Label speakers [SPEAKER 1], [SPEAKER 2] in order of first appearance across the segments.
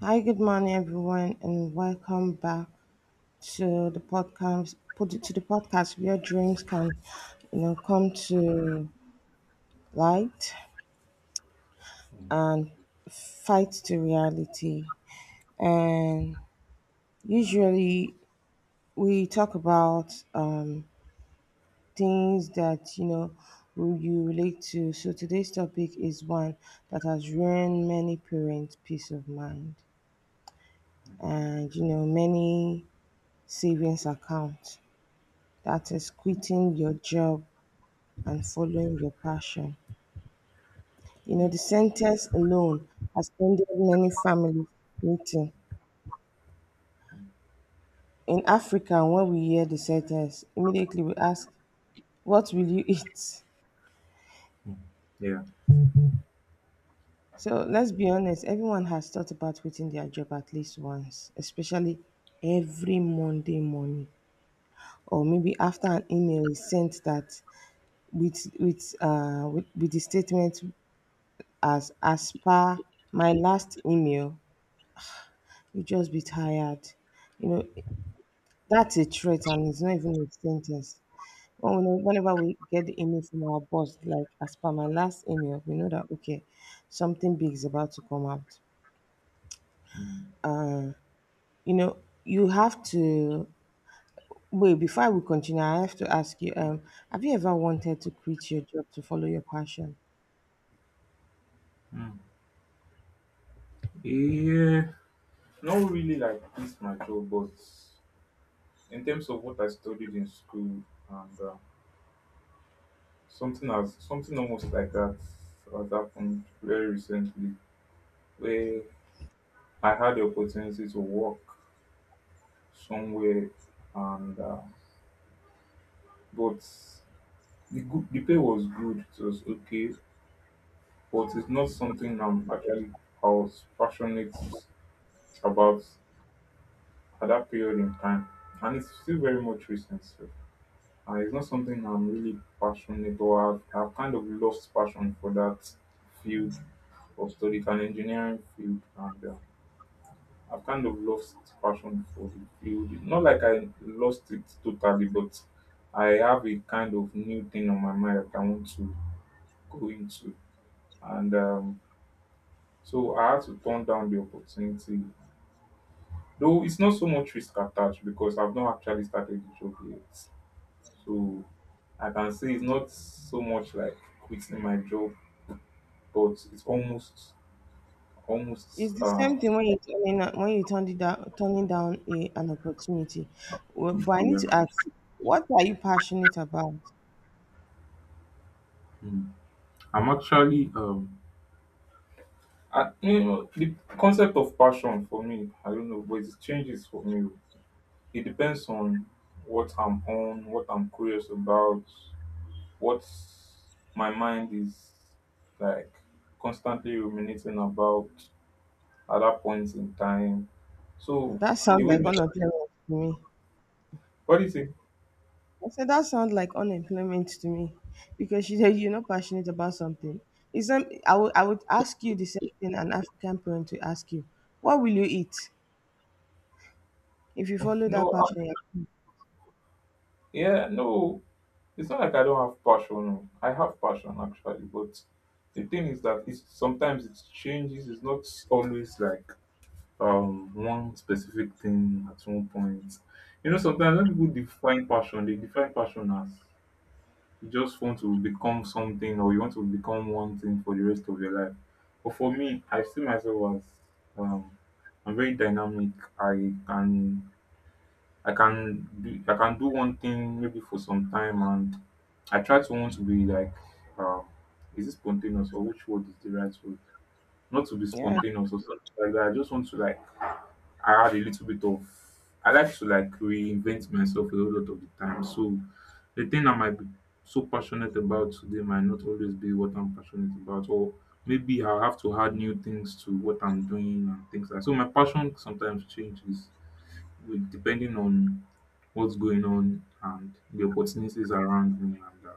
[SPEAKER 1] Hi, good morning, everyone, and welcome back to the podcast. Put it to the podcast where dreams can, you know, come to light and fight to reality. And usually, we talk about things that who you relate to. So today's topic is one that has ruined many parents' peace of mind, and you know, many savings accounts. That is quitting your job and following your passion. You know, the sentence alone has ended many families meeting. In Africa, when we hear the sentence, immediately we ask, what will you eat?
[SPEAKER 2] Yeah.
[SPEAKER 1] So let's be honest, everyone has thought about quitting their job at least once, especially every Monday morning, or maybe after an email is sent that with the statement as per my last email, you just be tired. You know, that's a threat and it's not even a sentence. Whenever we get the email from our boss, like as per my last email, we know that, okay, something big is about to come out. Uh, you know, you have to, wait, before we continue, I have to ask you, have you ever wanted to quit your job to follow your passion?
[SPEAKER 2] Yeah, not really like this mature, but in terms of what I studied in school and something as something almost like that has happened very recently, where I had the opportunity to work somewhere, and but the pay was good, it was okay, but it's not something I was passionate about at that period in time. And it's still very much recent. So, it's not something I'm really passionate or I've kind of lost passion for that field of study, it's an engineering field. And I've kind of lost passion for the field. Not like I lost it totally, but I have a kind of new thing on my mind that I want to go into. And so I had to turn down the opportunity. Though it's not so much risk attached because I've not actually started the job yet. So I can say it's not so much like quitting my job, but it's almost almost
[SPEAKER 1] It's the
[SPEAKER 2] uh
[SPEAKER 1] same thing when when you turn it down, turning down an opportunity. Well, but I need
[SPEAKER 2] Yeah.
[SPEAKER 1] to ask, what are you passionate about?
[SPEAKER 2] Mm. I'm actually. You know, the concept of passion for me, I don't know, but it changes for me. It depends on what I'm curious about, what my mind is like constantly ruminating about at that point in time. So
[SPEAKER 1] That
[SPEAKER 2] the
[SPEAKER 1] sounds
[SPEAKER 2] way,
[SPEAKER 1] like unemployment to me.
[SPEAKER 2] what do you think?
[SPEAKER 1] I said that sounds like unemployment to me because you said you're not passionate about something. It's some, I would ask you the same thing an African parent to ask you. What will you eat if you follow that
[SPEAKER 2] No,
[SPEAKER 1] passion?
[SPEAKER 2] yeah, no, it's not like I don't have passion. No. I have passion actually, but the thing is that it's sometimes it changes. It's not always like one specific thing at one point. You know, sometimes when people define passion, they define passion as you just want to become something or you want to become one thing for the rest of your life. But for me, I see myself as um I'm very dynamic. I can I can do one thing maybe for some time and I try to want to be like um is it spontaneous, or which word is the right word? Not to be
[SPEAKER 1] Yeah,
[SPEAKER 2] spontaneous or something like that. I just want to like add a little bit of I like to like reinvent myself a whole lot of the time. So the thing I might be so passionate about today might not always be what I'm passionate about, or maybe I'll have to add new things to what I'm doing and things like so my passion sometimes changes with depending on what's going on and the opportunities around me and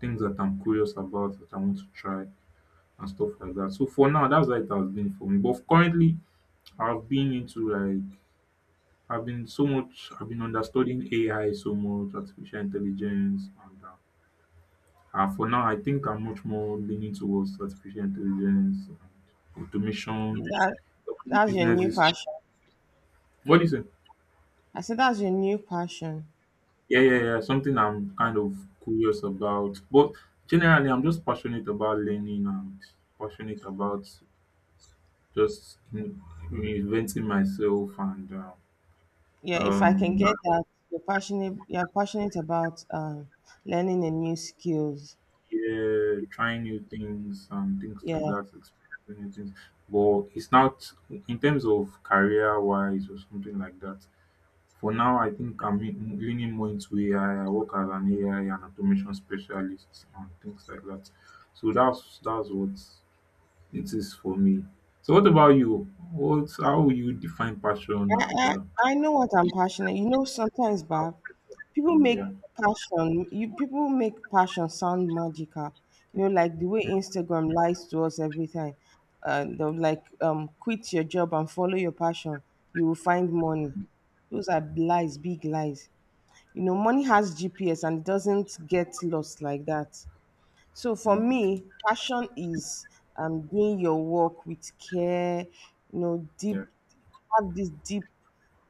[SPEAKER 2] things that I'm curious about that I want to try and stuff like that. So for now, that's how it has been for me. But currently, I've been into like I've been so much. I've been understudying AI so much, artificial intelligence, and for now, I think I'm much more leaning towards artificial intelligence and automation,
[SPEAKER 1] that that's your new
[SPEAKER 2] businesses.
[SPEAKER 1] passion.
[SPEAKER 2] What is do?
[SPEAKER 1] I said that's your new passion.
[SPEAKER 2] Yeah, yeah, yeah. Something I'm kind of curious about. But generally, I'm just passionate about learning and passionate about just in- reinventing myself and
[SPEAKER 1] Yeah, if I can get
[SPEAKER 2] um,
[SPEAKER 1] that, you're passionate about learning a new skills.
[SPEAKER 2] yeah, trying new things and things like
[SPEAKER 1] Yeah,
[SPEAKER 2] that, experiencing new things. But it's not in terms of career wise or something like that. For now, I think leaning more into AI. Work as an AI and automation specialist and things like that. So that's what. It is for me. So what about you? What How would you define passion
[SPEAKER 1] I,
[SPEAKER 2] and uh,
[SPEAKER 1] I know what I'm passionate. You know, sometimes,
[SPEAKER 2] how-
[SPEAKER 1] Bob, people make
[SPEAKER 2] Yeah.
[SPEAKER 1] passion. You people make passion sound magical. You know, like the way Instagram lies to us every time. They're like, quit your job and follow your passion. You will find money. Those are lies, big lies. You know, money has GPS and it doesn't get lost like that. So for
[SPEAKER 2] Mm,
[SPEAKER 1] me, passion is doing your work with care, you know, deep,
[SPEAKER 2] yeah.
[SPEAKER 1] have this deep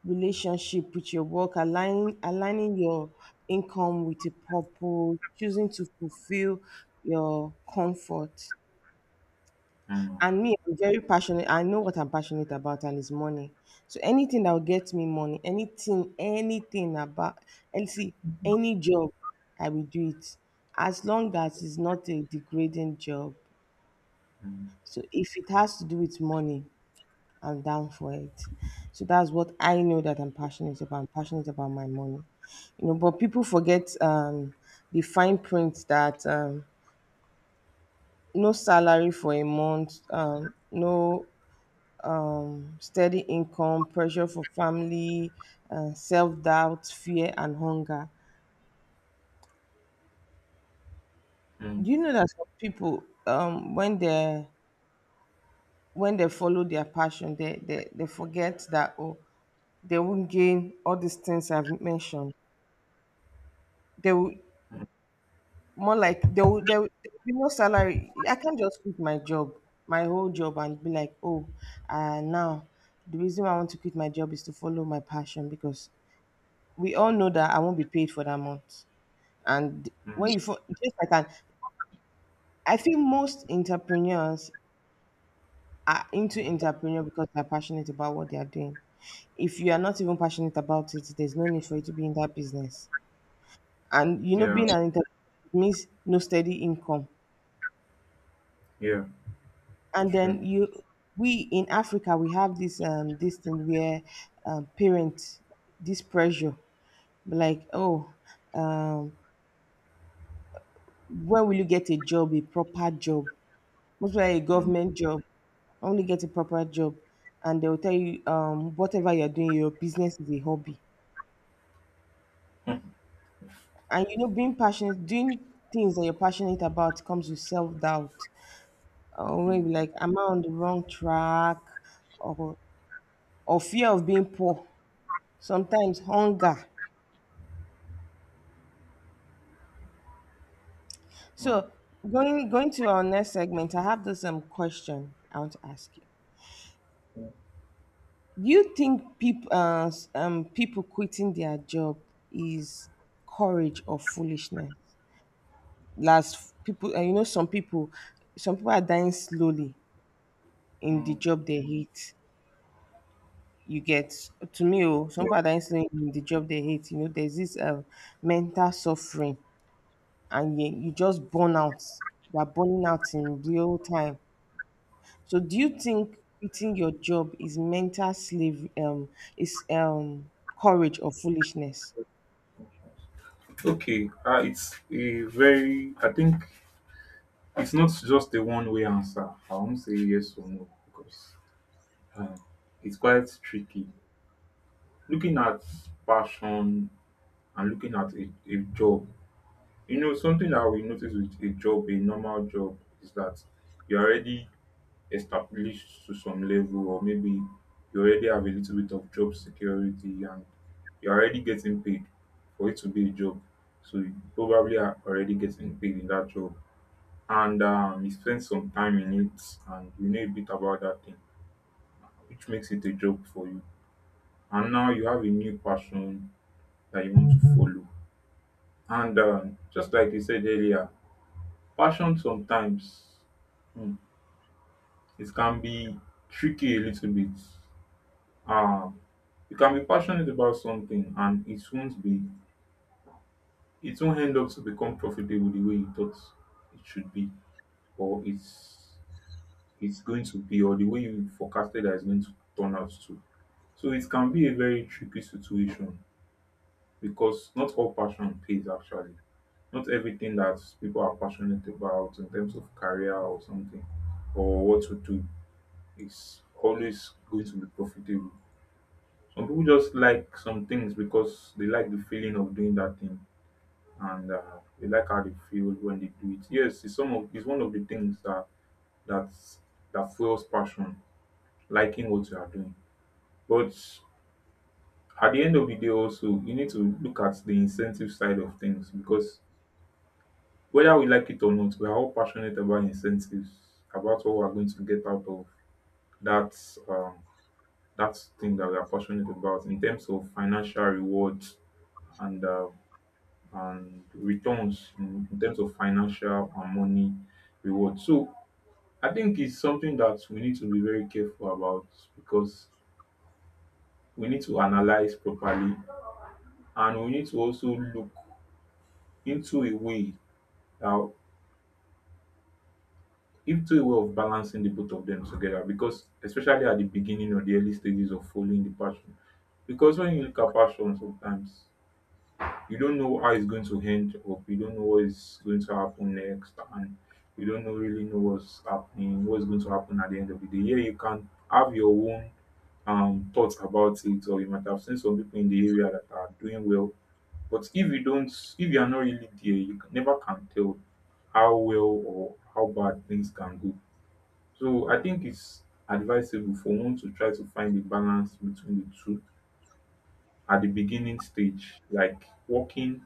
[SPEAKER 1] relationship with your work, aligning your income with a purpose, choosing to fulfill your comfort.
[SPEAKER 2] Mm,
[SPEAKER 1] And me, I'm very passionate. I know what I'm passionate about, and it's money. So anything that will get me money, anything about, and see, any job, I will do it, as long as it's not a degrading job.
[SPEAKER 2] mm, mm,
[SPEAKER 1] So if it has to do with money, I'm down for it. So that's what I know that I'm passionate about. I'm passionate about my money, you know. But people forget the fine print that no salary for a month, no steady income, pressure for family, self doubt, fear, and hunger.
[SPEAKER 2] mm,
[SPEAKER 1] Do you know that some people, when they follow their passion, they forget that oh, they won't gain all these things I've mentioned. They will more like they will there will be no salary. I can't just quit my job, my whole job, and be like, oh, now the reason why I want to quit my job is to follow my passion because we all know that I won't be paid for that month. And when
[SPEAKER 2] mm.
[SPEAKER 1] you fo- just like an, I feel most entrepreneurs are into entrepreneur because they're passionate about what they are doing. If you are not even passionate about it, there's no need for you to be in that business. And you know,
[SPEAKER 2] Yeah.
[SPEAKER 1] being an entrepreneur means no steady income.
[SPEAKER 2] Yeah.
[SPEAKER 1] And
[SPEAKER 2] True.
[SPEAKER 1] then we in Africa, we have this this thing where parents this pressure, like oh, um, when will you get a job, a proper job? Most likely a
[SPEAKER 2] Mm,
[SPEAKER 1] government job. Only get a proper job, and they will tell you whatever you're doing, your business is a hobby.
[SPEAKER 2] mm,
[SPEAKER 1] And you know, being passionate, doing things that you're passionate about comes with self doubt, or maybe like, am I on the wrong track, or or fear of being poor. Sometimes hunger. So going to our next segment, I have this question I want to ask you. You think people people quitting their job is courage or foolishness? Last people, you know, some people are dying slowly in the
[SPEAKER 2] mm,
[SPEAKER 1] job they hate. You get to me, oh, some people are dying slowly in the job they hate. You know, there's this mental suffering, and you just burn out. You are burning out in real time. So, do you
[SPEAKER 2] mm.
[SPEAKER 1] think quitting your job is mental slave, is courage or foolishness?
[SPEAKER 2] Okay. It's a very I think it's not just a one way answer. I won't say yes or no because um, it's quite tricky. Looking at passion and looking at a job. You know, something that we notice with a job, a normal job, is that you're already established to some level, or maybe you already have a little bit of job security and you're already getting paid for it to be a job. So you probably are already getting paid in that job. And you spend some time in it and you know a bit about that thing, which makes it a job for you. And now you have a new passion that you want to follow. And just like you said earlier, passion sometimes mm, it can be tricky a little bit. Um, you can be passionate about something and it won't end up to become profitable the way you thought it should be or it's going to be, or the way you forecasted that it's going to turn out to. So it can be a very tricky situation because not all passion pays actually. Not everything that people are passionate about in terms of career or something or what to do is always going to be profitable. Some people just like some things because they like the feeling of doing that thing and they like how they feel when they do it. Yes, it's one of the things that that's that fuels passion, liking what you are doing. But at the end of the day also you need to look at the incentive side of things because whether we like it or not, we are all passionate about incentives, about what we are going to get out of that um, That thing that we are passionate about in terms of financial rewards and and returns in terms of financial and money rewards. So I think it's something that we need to be very careful about because we need to analyze properly and we need to also look into a way uh, into a way of balancing the both of them together because especially at the beginning or the early stages of following the passion. Because when you look at passion sometimes you don't know how it's going to end up. You don't know what is going to happen next, and you don't know really know what's happening, what's going to happen at the end of the day. Yeah, you can have your own thoughts about it, or you might have seen some people in the area that are doing well. But if you don't, if you are not really there, you can, never can tell how well or how bad things can go. So I think it's advisable for one to try to find a balance between the two at the beginning stage, like working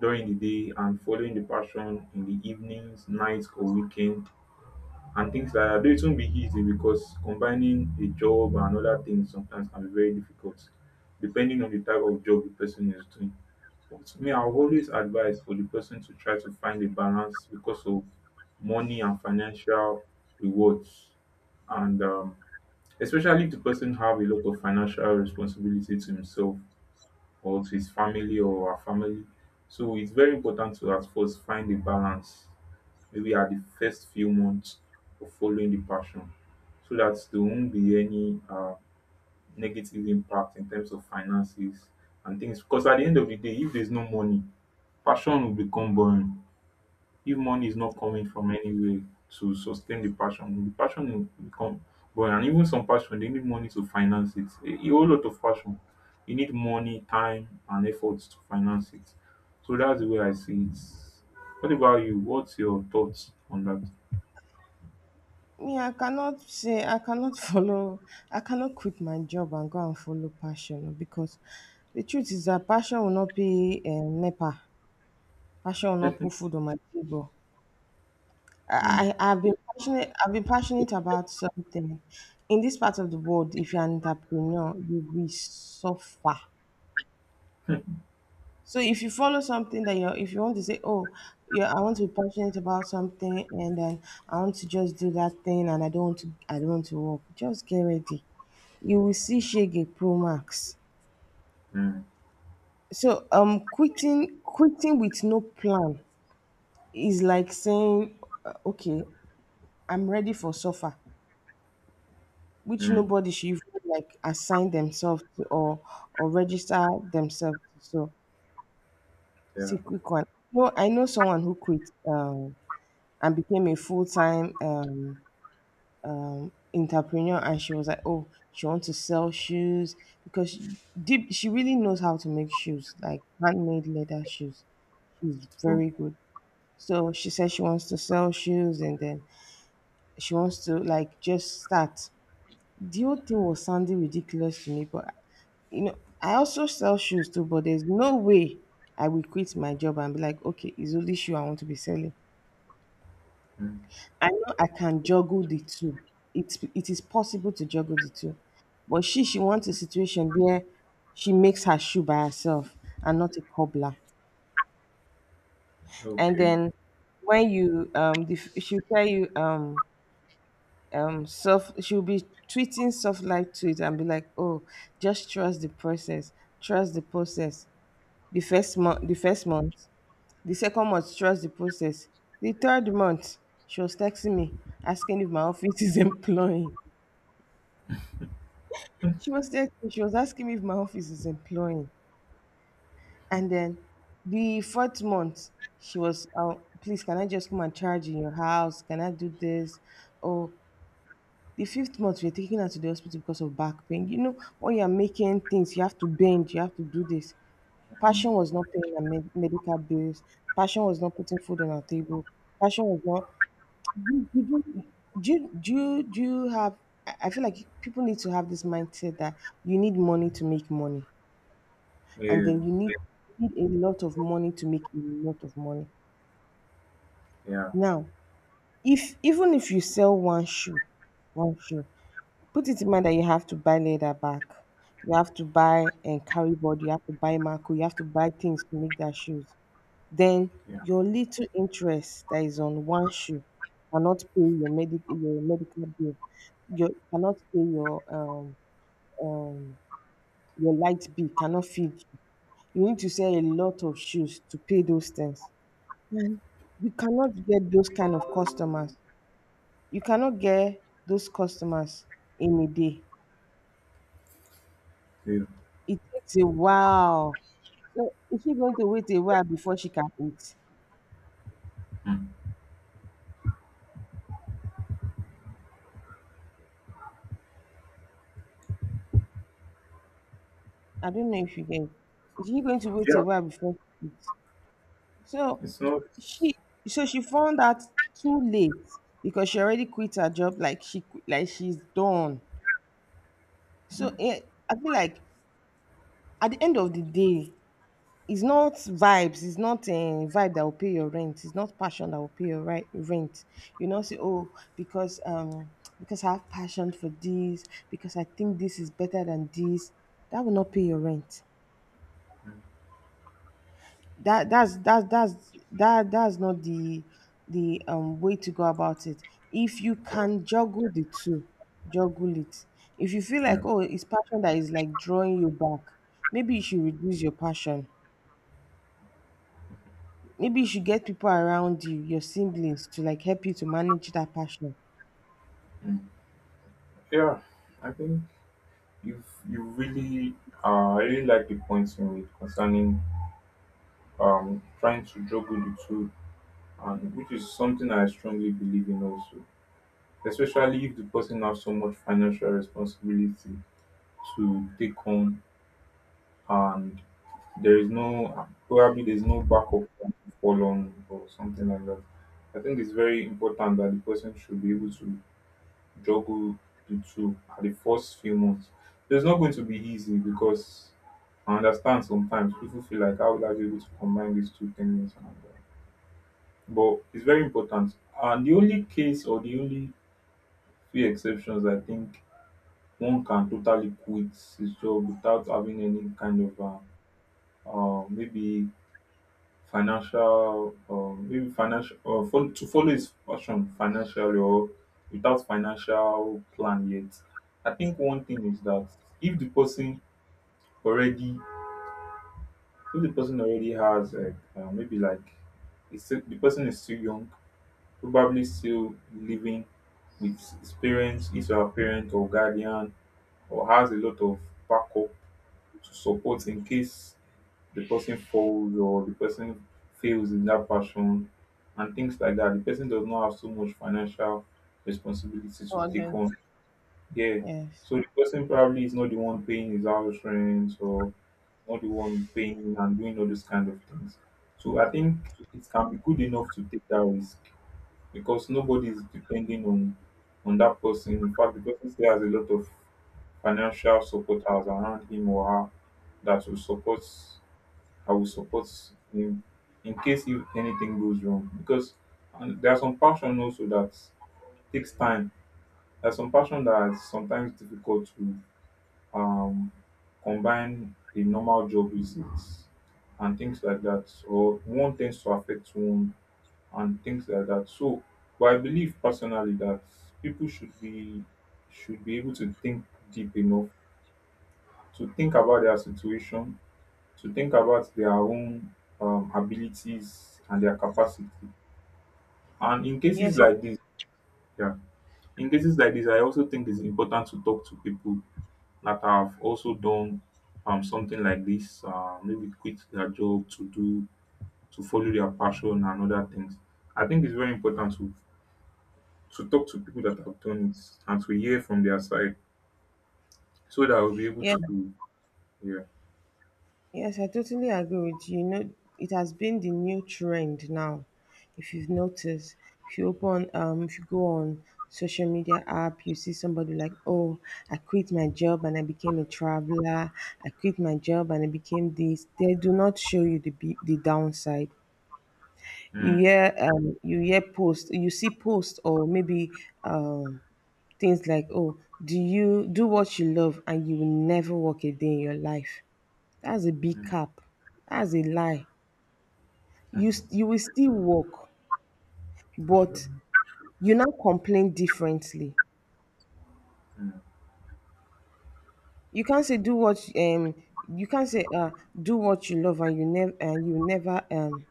[SPEAKER 2] during the day and following the passion in the evenings, nights, or weekend and things like that. Though it won't be easy because combining a job and other things sometimes can be very difficult depending on the type of job the person is doing. But me, I always advise for the person to try to find a balance because of money and financial rewards and especially if the person have a lot of financial responsibility to himself or to his family or her family. So it's very important to at first find a balance, maybe at the first few months of following the passion, so that there won't be any negative impact in terms of finances and things. Because at the end of the day, if there's no money, passion will become boring if money is not coming from anywhere to sustain the passion, the passion will come but and even some passion they need money to finance it a whole lot of passion you need money, time and efforts to finance it. So that's the way I see it. What about you, what's your thoughts on that?
[SPEAKER 1] Me, I cannot follow, I cannot quit my job and go and follow passion, no, because the truth is that passion will not be nepa, passion will not put food on my table.
[SPEAKER 2] Mm,
[SPEAKER 1] I've been passionate about something. In this part of the world if you're an entrepreneur you will suffer. So if you follow something that you're, if you want to say, oh, yeah, I want to be passionate about something, and then I want to just do that thing, and I don't want to work. Just get ready. You will see Shege Pro Max.
[SPEAKER 2] mm, mm.
[SPEAKER 1] So quitting with no plan is like saying, okay, I'm ready for suffer, which nobody should even like assign themselves to or register themselves to. So see
[SPEAKER 2] Yeah.
[SPEAKER 1] quick one. No, I know someone who quit. Um, and became a full-time entrepreneur, and she was like, oh, she wants to sell shoes because deep, she really knows how to make shoes, like handmade leather shoes, she's
[SPEAKER 2] Oh,
[SPEAKER 1] very good. So she said she wants to sell shoes, and then she wants to like just start. The whole thing was sounding ridiculous to me, but you know I also sell shoes too, but there's no way I will quit my job and be like, okay, it's only shoe I want to be selling.
[SPEAKER 2] mm,
[SPEAKER 1] I know I can juggle the two. It is possible to juggle the two. But she wants a situation where she makes her shoe by herself and not a cobbler. And
[SPEAKER 2] okay.
[SPEAKER 1] then she'll tell you soft, she'll be treating soft life to it and be like, oh, just trust the process, trust the process. The first month, the second month, trust the process. The third month, she was texting me asking if my office is employing. She was asking me if my office is employing. And then the fourth month, she was, oh, please, can I just come and charge in your house? Can I do this? Oh, the fifth month, we're taking her to the hospital because of back pain. You know, when you're making things, you have to bend, you have to do this.
[SPEAKER 2] Mm,
[SPEAKER 1] Passion was not paying her medical bills. Passion was not putting food on our table. Passion was not. You do, do, you- do, you- Do you have? I feel like people need to have this mindset that you need money to make money. And
[SPEAKER 2] yes.
[SPEAKER 1] then you need a lot of money to make a lot of money.
[SPEAKER 2] Yeah,
[SPEAKER 1] Now, if even if you sell one shoe, put it in mind that you have to buy leather back, you have to buy and carry board, you have to buy marco, you have to buy things to make that shoes. Then
[SPEAKER 2] yeah,
[SPEAKER 1] your little interest that is on one shoe cannot pay your medic your medical bill, your cannot pay um your light bill, cannot feed you. You need to sell a lot of shoes to pay those things. And you cannot get those kind of customers. You cannot get those customers in a day.
[SPEAKER 2] yeah.
[SPEAKER 1] It takes a while. So is she going to wait a while before she can eat?
[SPEAKER 2] Mm,
[SPEAKER 1] I don't know if you get. Is she going to wait a
[SPEAKER 2] yeah,
[SPEAKER 1] while before she eats? So
[SPEAKER 2] it's not.
[SPEAKER 1] she so she found out too late because she already quit her job. Like she's done. So
[SPEAKER 2] Mm,
[SPEAKER 1] eh, I feel like at the end of the day, it's not vibes, it's not a vibe that will pay your rent. It's not passion that will pay your rent. You know, say, oh, because because I have passion for this, because I think this is better than this, that will not pay your rent. That's not the way to go about it. If you can juggle the two, juggle it. If you feel like,
[SPEAKER 2] yeah.
[SPEAKER 1] oh, it's passion that is like drawing you back, maybe you should reduce your passion. Maybe you should get people around you, your siblings, to like help you to manage that passion.
[SPEAKER 2] Mm, yeah, I think you really, I really like the points you made concerning trying to juggle the two, and which is something I strongly believe in also. Especially if the person has so much financial responsibility to take on and there is no probably there's no backup plan to fall on or something like that. I think it's very important that the person should be able to juggle the two at the first few months. So it's not going to be easy because I understand sometimes people feel like how will I be able to combine these two things and but it's very important. And the only case or the only few exceptions I think one can totally quit his job without having any kind of uh, uh, maybe maybe financial fol to follow his passion financially or without financial plan yet. I think one thing is that if the person already if the person already has like maybe like the person is still young, probably still living with his parents, his or her parent or guardian, or has a lot of backup to support in case the person falls or the person fails in that passion and things like that. The person does not have so much financial responsibility to
[SPEAKER 1] For
[SPEAKER 2] take on. Yeah.
[SPEAKER 1] yes.
[SPEAKER 2] So the person probably is not the one paying his house rent or not the one paying and doing all those kind of things. So I think it can be good enough to take that risk because nobody is depending on that person. In fact, the person still has a lot of financial supporters around him or her that will support I will support him in case if anything goes wrong. Because and there are some passion also that takes time. There's some passion that is sometimes difficult to um, combine a normal job with it and things like that. Or one tends to affect one and things like that. So, but I believe personally that people should be able to think deep enough to think about their situation to think about their own abilities and their capacity. And in cases
[SPEAKER 1] Yes.
[SPEAKER 2] like this, yeah, in cases like this, I also think it's important to talk to people that have also done something like this, maybe quit their job to do to follow their passion and other things. I think it's very important to talk to people that have done it and to hear from their side so that we'll be able
[SPEAKER 1] Yes.
[SPEAKER 2] to yeah.
[SPEAKER 1] Yes, I totally agree with you. You know, it has been the new trend now. If you've noticed, if you open, if you go on social media app, you see somebody like, oh, I quit my job and I became a traveler. I quit my job and I became this. They do not show you the downside. You
[SPEAKER 2] Mm,
[SPEAKER 1] hear you hear post, you see post, or maybe things like, oh, do you do what you love and you will never work a day in your life. That's a big
[SPEAKER 2] mm,
[SPEAKER 1] cap. That's a lie.
[SPEAKER 2] mm, mm,
[SPEAKER 1] You will still work,
[SPEAKER 2] sure.
[SPEAKER 1] but you now complain differently.
[SPEAKER 2] Mm,
[SPEAKER 1] You can't say do what, you can't say, do what you love and you never, and you never,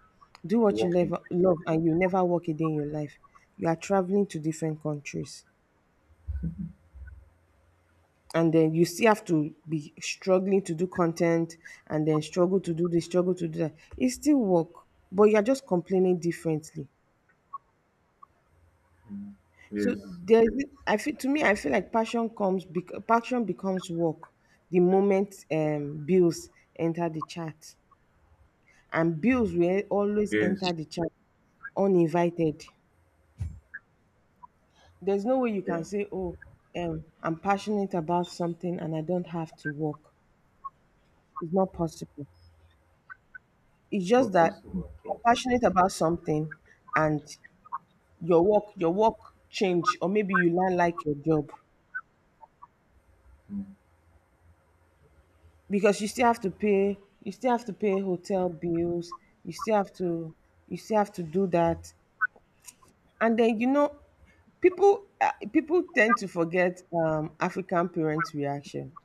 [SPEAKER 1] do what you
[SPEAKER 2] working.
[SPEAKER 1] love and you never work a day in your life. You are traveling to different countries, and then you still have to be struggling to do content, and then struggle to do this, struggle to do that. It's still work, but you're just complaining differently.
[SPEAKER 2] Mm,
[SPEAKER 1] So
[SPEAKER 2] yes.
[SPEAKER 1] there's, I feel, to me, I feel like passion comes, passion becomes work the moment bills enter the chat, and bills will always enter
[SPEAKER 2] Yes.
[SPEAKER 1] the chat uninvited. There's no way you
[SPEAKER 2] Yeah.
[SPEAKER 1] can say, "Oh, I'm passionate about something and I don't have to work." It's not possible. It's
[SPEAKER 2] It's
[SPEAKER 1] just
[SPEAKER 2] not
[SPEAKER 1] that
[SPEAKER 2] possible at
[SPEAKER 1] you're
[SPEAKER 2] all.
[SPEAKER 1] passionate about something, and your work change, or maybe you land like your job,
[SPEAKER 2] Mm.
[SPEAKER 1] because you still have to pay, you still have to pay hotel bills, you still have to, you still have to do that. And then, you know, people people tend to forget African parents reaction.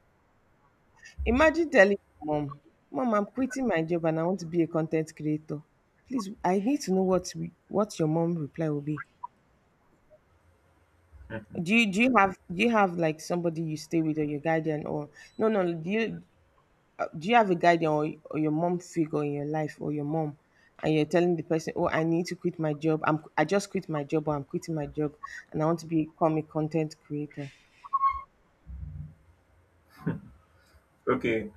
[SPEAKER 1] Imagine telling your mom, "Mom, I'm quitting my job and I want to be a content creator." Please, I need to know what we, what your mom reply will be. Do you have do you have like somebody you stay with, or your guardian, or no, no, do you have a guardian, or your mom figure in your life, or your mom, and you're telling the person, oh, I need to quit my job, I just quit my job, or I'm quitting my job, and I want to become a content creator.
[SPEAKER 2] Okay,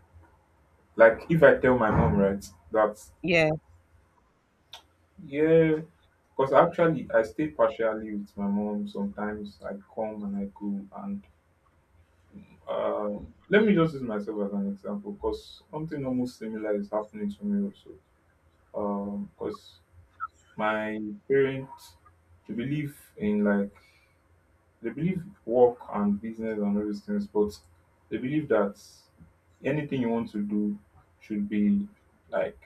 [SPEAKER 2] like if I tell my mom, right, that
[SPEAKER 1] Yeah.
[SPEAKER 2] yeah, because actually I stay partially with my mom. Sometimes I come and I go, and let me just use myself as an example, because something almost similar is happening to me also. Because my parents they believe in like they believe work and business and all those things, but they believe that anything you want to do should be like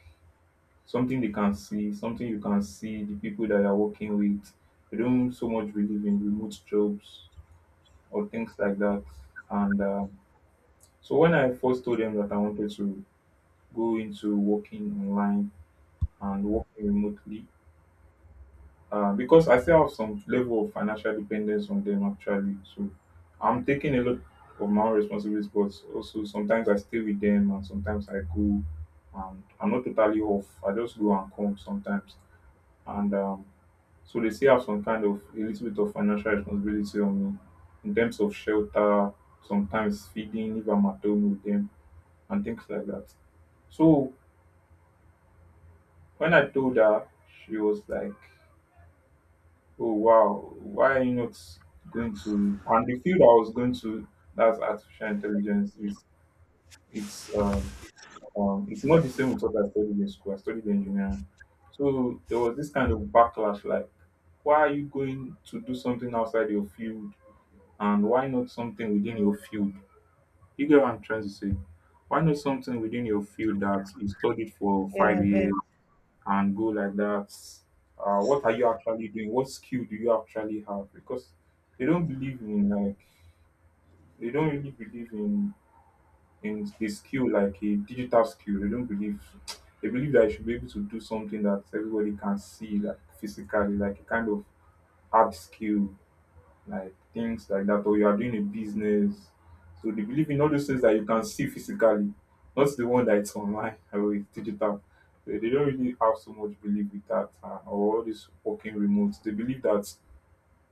[SPEAKER 2] something they can see, something you can see the people that you're working with. They don't so much believe in remote jobs or things like that. And so when I first told them that I wanted to go into working online and working remotely, because I still have some level of financial dependence on them actually. So I'm taking a lot of my own responsibilities, but also sometimes I stay with them and sometimes I go and I'm not totally off. I just go and come sometimes. And so they still have some kind of a little bit of financial responsibility on me in terms of shelter, sometimes feeding if I'm at home with them and things like that. So when I told her, she was like, oh wow, why are you not going to? And the field I was going to, that's artificial intelligence. Is it's um, it's not the same with what I studied in school. I studied engineering, so there was this kind of backlash. Like, why are you going to do something outside your field, and why not something within your field? You get what I'm trying to say? Why not something within your field that you studied for
[SPEAKER 1] Yeah,
[SPEAKER 2] five
[SPEAKER 1] yeah.
[SPEAKER 2] years? And go like that. What are you actually doing? What skill do you actually have? Because they don't believe in like they don't really believe in a skill like a digital skill. They don't believe they believe that you should be able to do something that everybody can see like physically, like a kind of hard skill like things like that, or you are doing a business. So they believe in all those things that you can see physically, not the one that it's online or it's digital. They don't really have so much belief with that or all this working remote. They believe that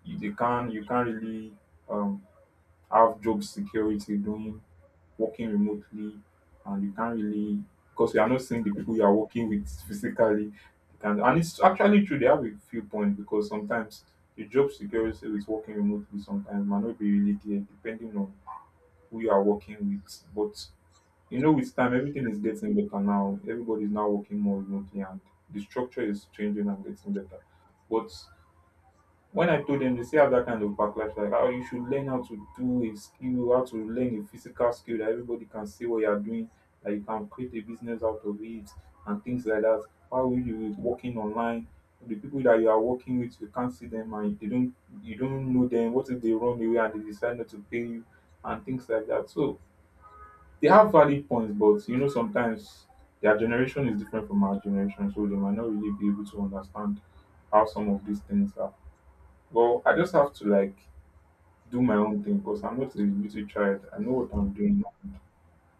[SPEAKER 2] you, they can you can't really um, have job security doing working remotely and you can't really because you are not seeing the people you are working with physically. You can, and it's actually true, they have a few points because sometimes the job security with working remotely sometimes might not be really there depending on who you are working with. But you know, with time, everything is getting better now. Everybody is now working more remotely and the structure is changing and getting better. But when I told them, they still have that kind of backlash like, oh, you should learn how to do a skill, how to learn a physical skill that everybody can see what you are doing, that you can create a business out of it, and things like that. Why will you be working online? The people that you are working with, you can't see them and they don't you don't know them. What if they run away and they decide not to pay you and things like that? So they have valid points, but you know, sometimes their generation is different from our generation, so they might not really be able to understand how some of these things are. Well, I just have to like do my own thing because I'm not a little child. I know what I'm doing.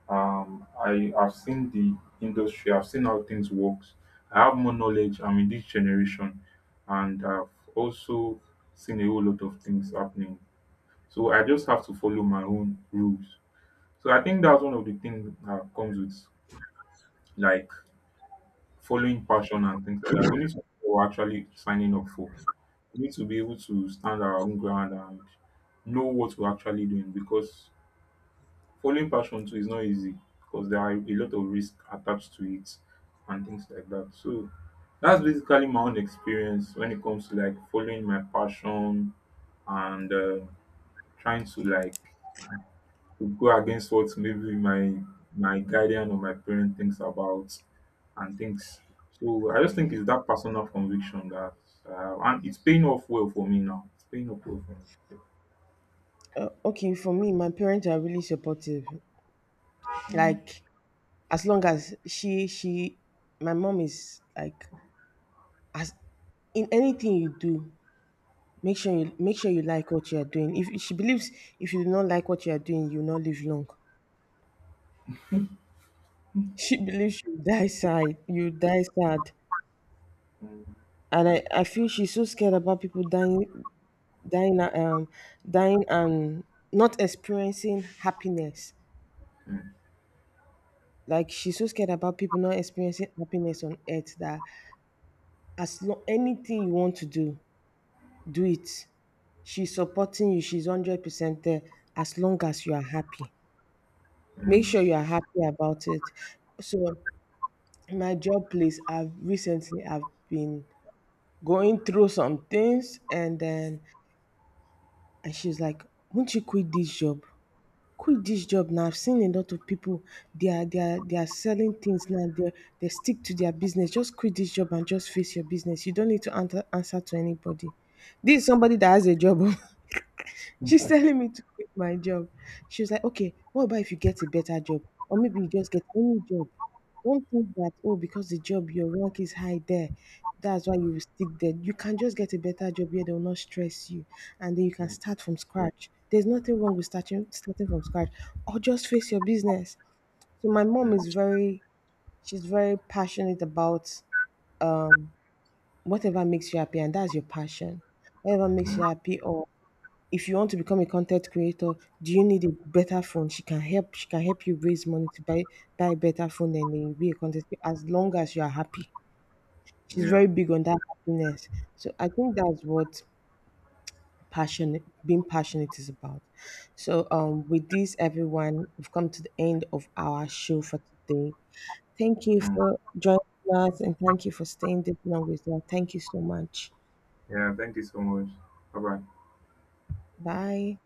[SPEAKER 2] I have seen the industry. I've seen how things works. I have more knowledge. I'm in this generation, and I've also seen a whole lot of things happening. So I just have to follow my own rules. So I think that's one of the things that comes with like following passion and things like that. We need something we're actually signing up for. We need to be able to stand our own ground and know what we're actually doing because following passion too is not easy because there are a lot of risks attached to it and things like that. So that's basically my own experience when it comes to like following my passion and trying to like would go against what maybe my guardian or my parent thinks about and things. So I just think it's that personal conviction that, and it's paying off well for me now. It's paying off well for me.
[SPEAKER 1] Okay, for me, my parents are really supportive.
[SPEAKER 2] Yeah. Mm,
[SPEAKER 1] Like, as long as she my mom is like, as in, anything you do, make sure you like what you are doing. If she believes, if you do not like what you are doing, you will not live long. She believes you die sad. You die sad.
[SPEAKER 2] mm,
[SPEAKER 1] And I feel she's so scared about people dying, dying, dying and not experiencing happiness.
[SPEAKER 2] mm,
[SPEAKER 1] Like, she's so scared about people not experiencing happiness on earth, that as long anything you want to do, do it. She's supporting you. She's 100% there, as long as you are happy.
[SPEAKER 2] mm,
[SPEAKER 1] Make
[SPEAKER 2] mm,
[SPEAKER 1] sure you are happy about it. So my job place, I've been going through some things, and then, and she's like, won't you quit this job? Quit this job now. I've seen a lot of people, they are selling things now. They stick to their business. Just quit this job and just face your business. You don't need to answer to anybody. This is somebody that has a job. She's telling me to quit my job. She was like, okay, what about if you get a better job? Or maybe you just get any job. Don't think that, oh, because the job, your rank is high there, that's why you will stick there. You can just get a better job here. They will not stress you. And then you can start from scratch. There's nothing wrong with starting from scratch. Or just face your business. So my
[SPEAKER 2] mm.
[SPEAKER 1] mom
[SPEAKER 2] Mm,
[SPEAKER 1] is very, she's very passionate about whatever makes you happy. And that's your passion. Whatever makes you
[SPEAKER 2] mm.
[SPEAKER 1] happy. Or if you want to become a content creator, do you need a better phone? She can help. She can help you raise money to buy a better phone, and then you be a content creator as long as you are happy. She's
[SPEAKER 2] Yeah,
[SPEAKER 1] very big on that happiness. So I think that's what passionate, being passionate is about. So, with this, everyone, we've come to the end of our show for today. Thank you
[SPEAKER 2] mm.
[SPEAKER 1] for joining us, and thank you for staying this long with us. Thank you so much.
[SPEAKER 2] Yeah. Thank you so much. Bye bye.
[SPEAKER 1] Bye.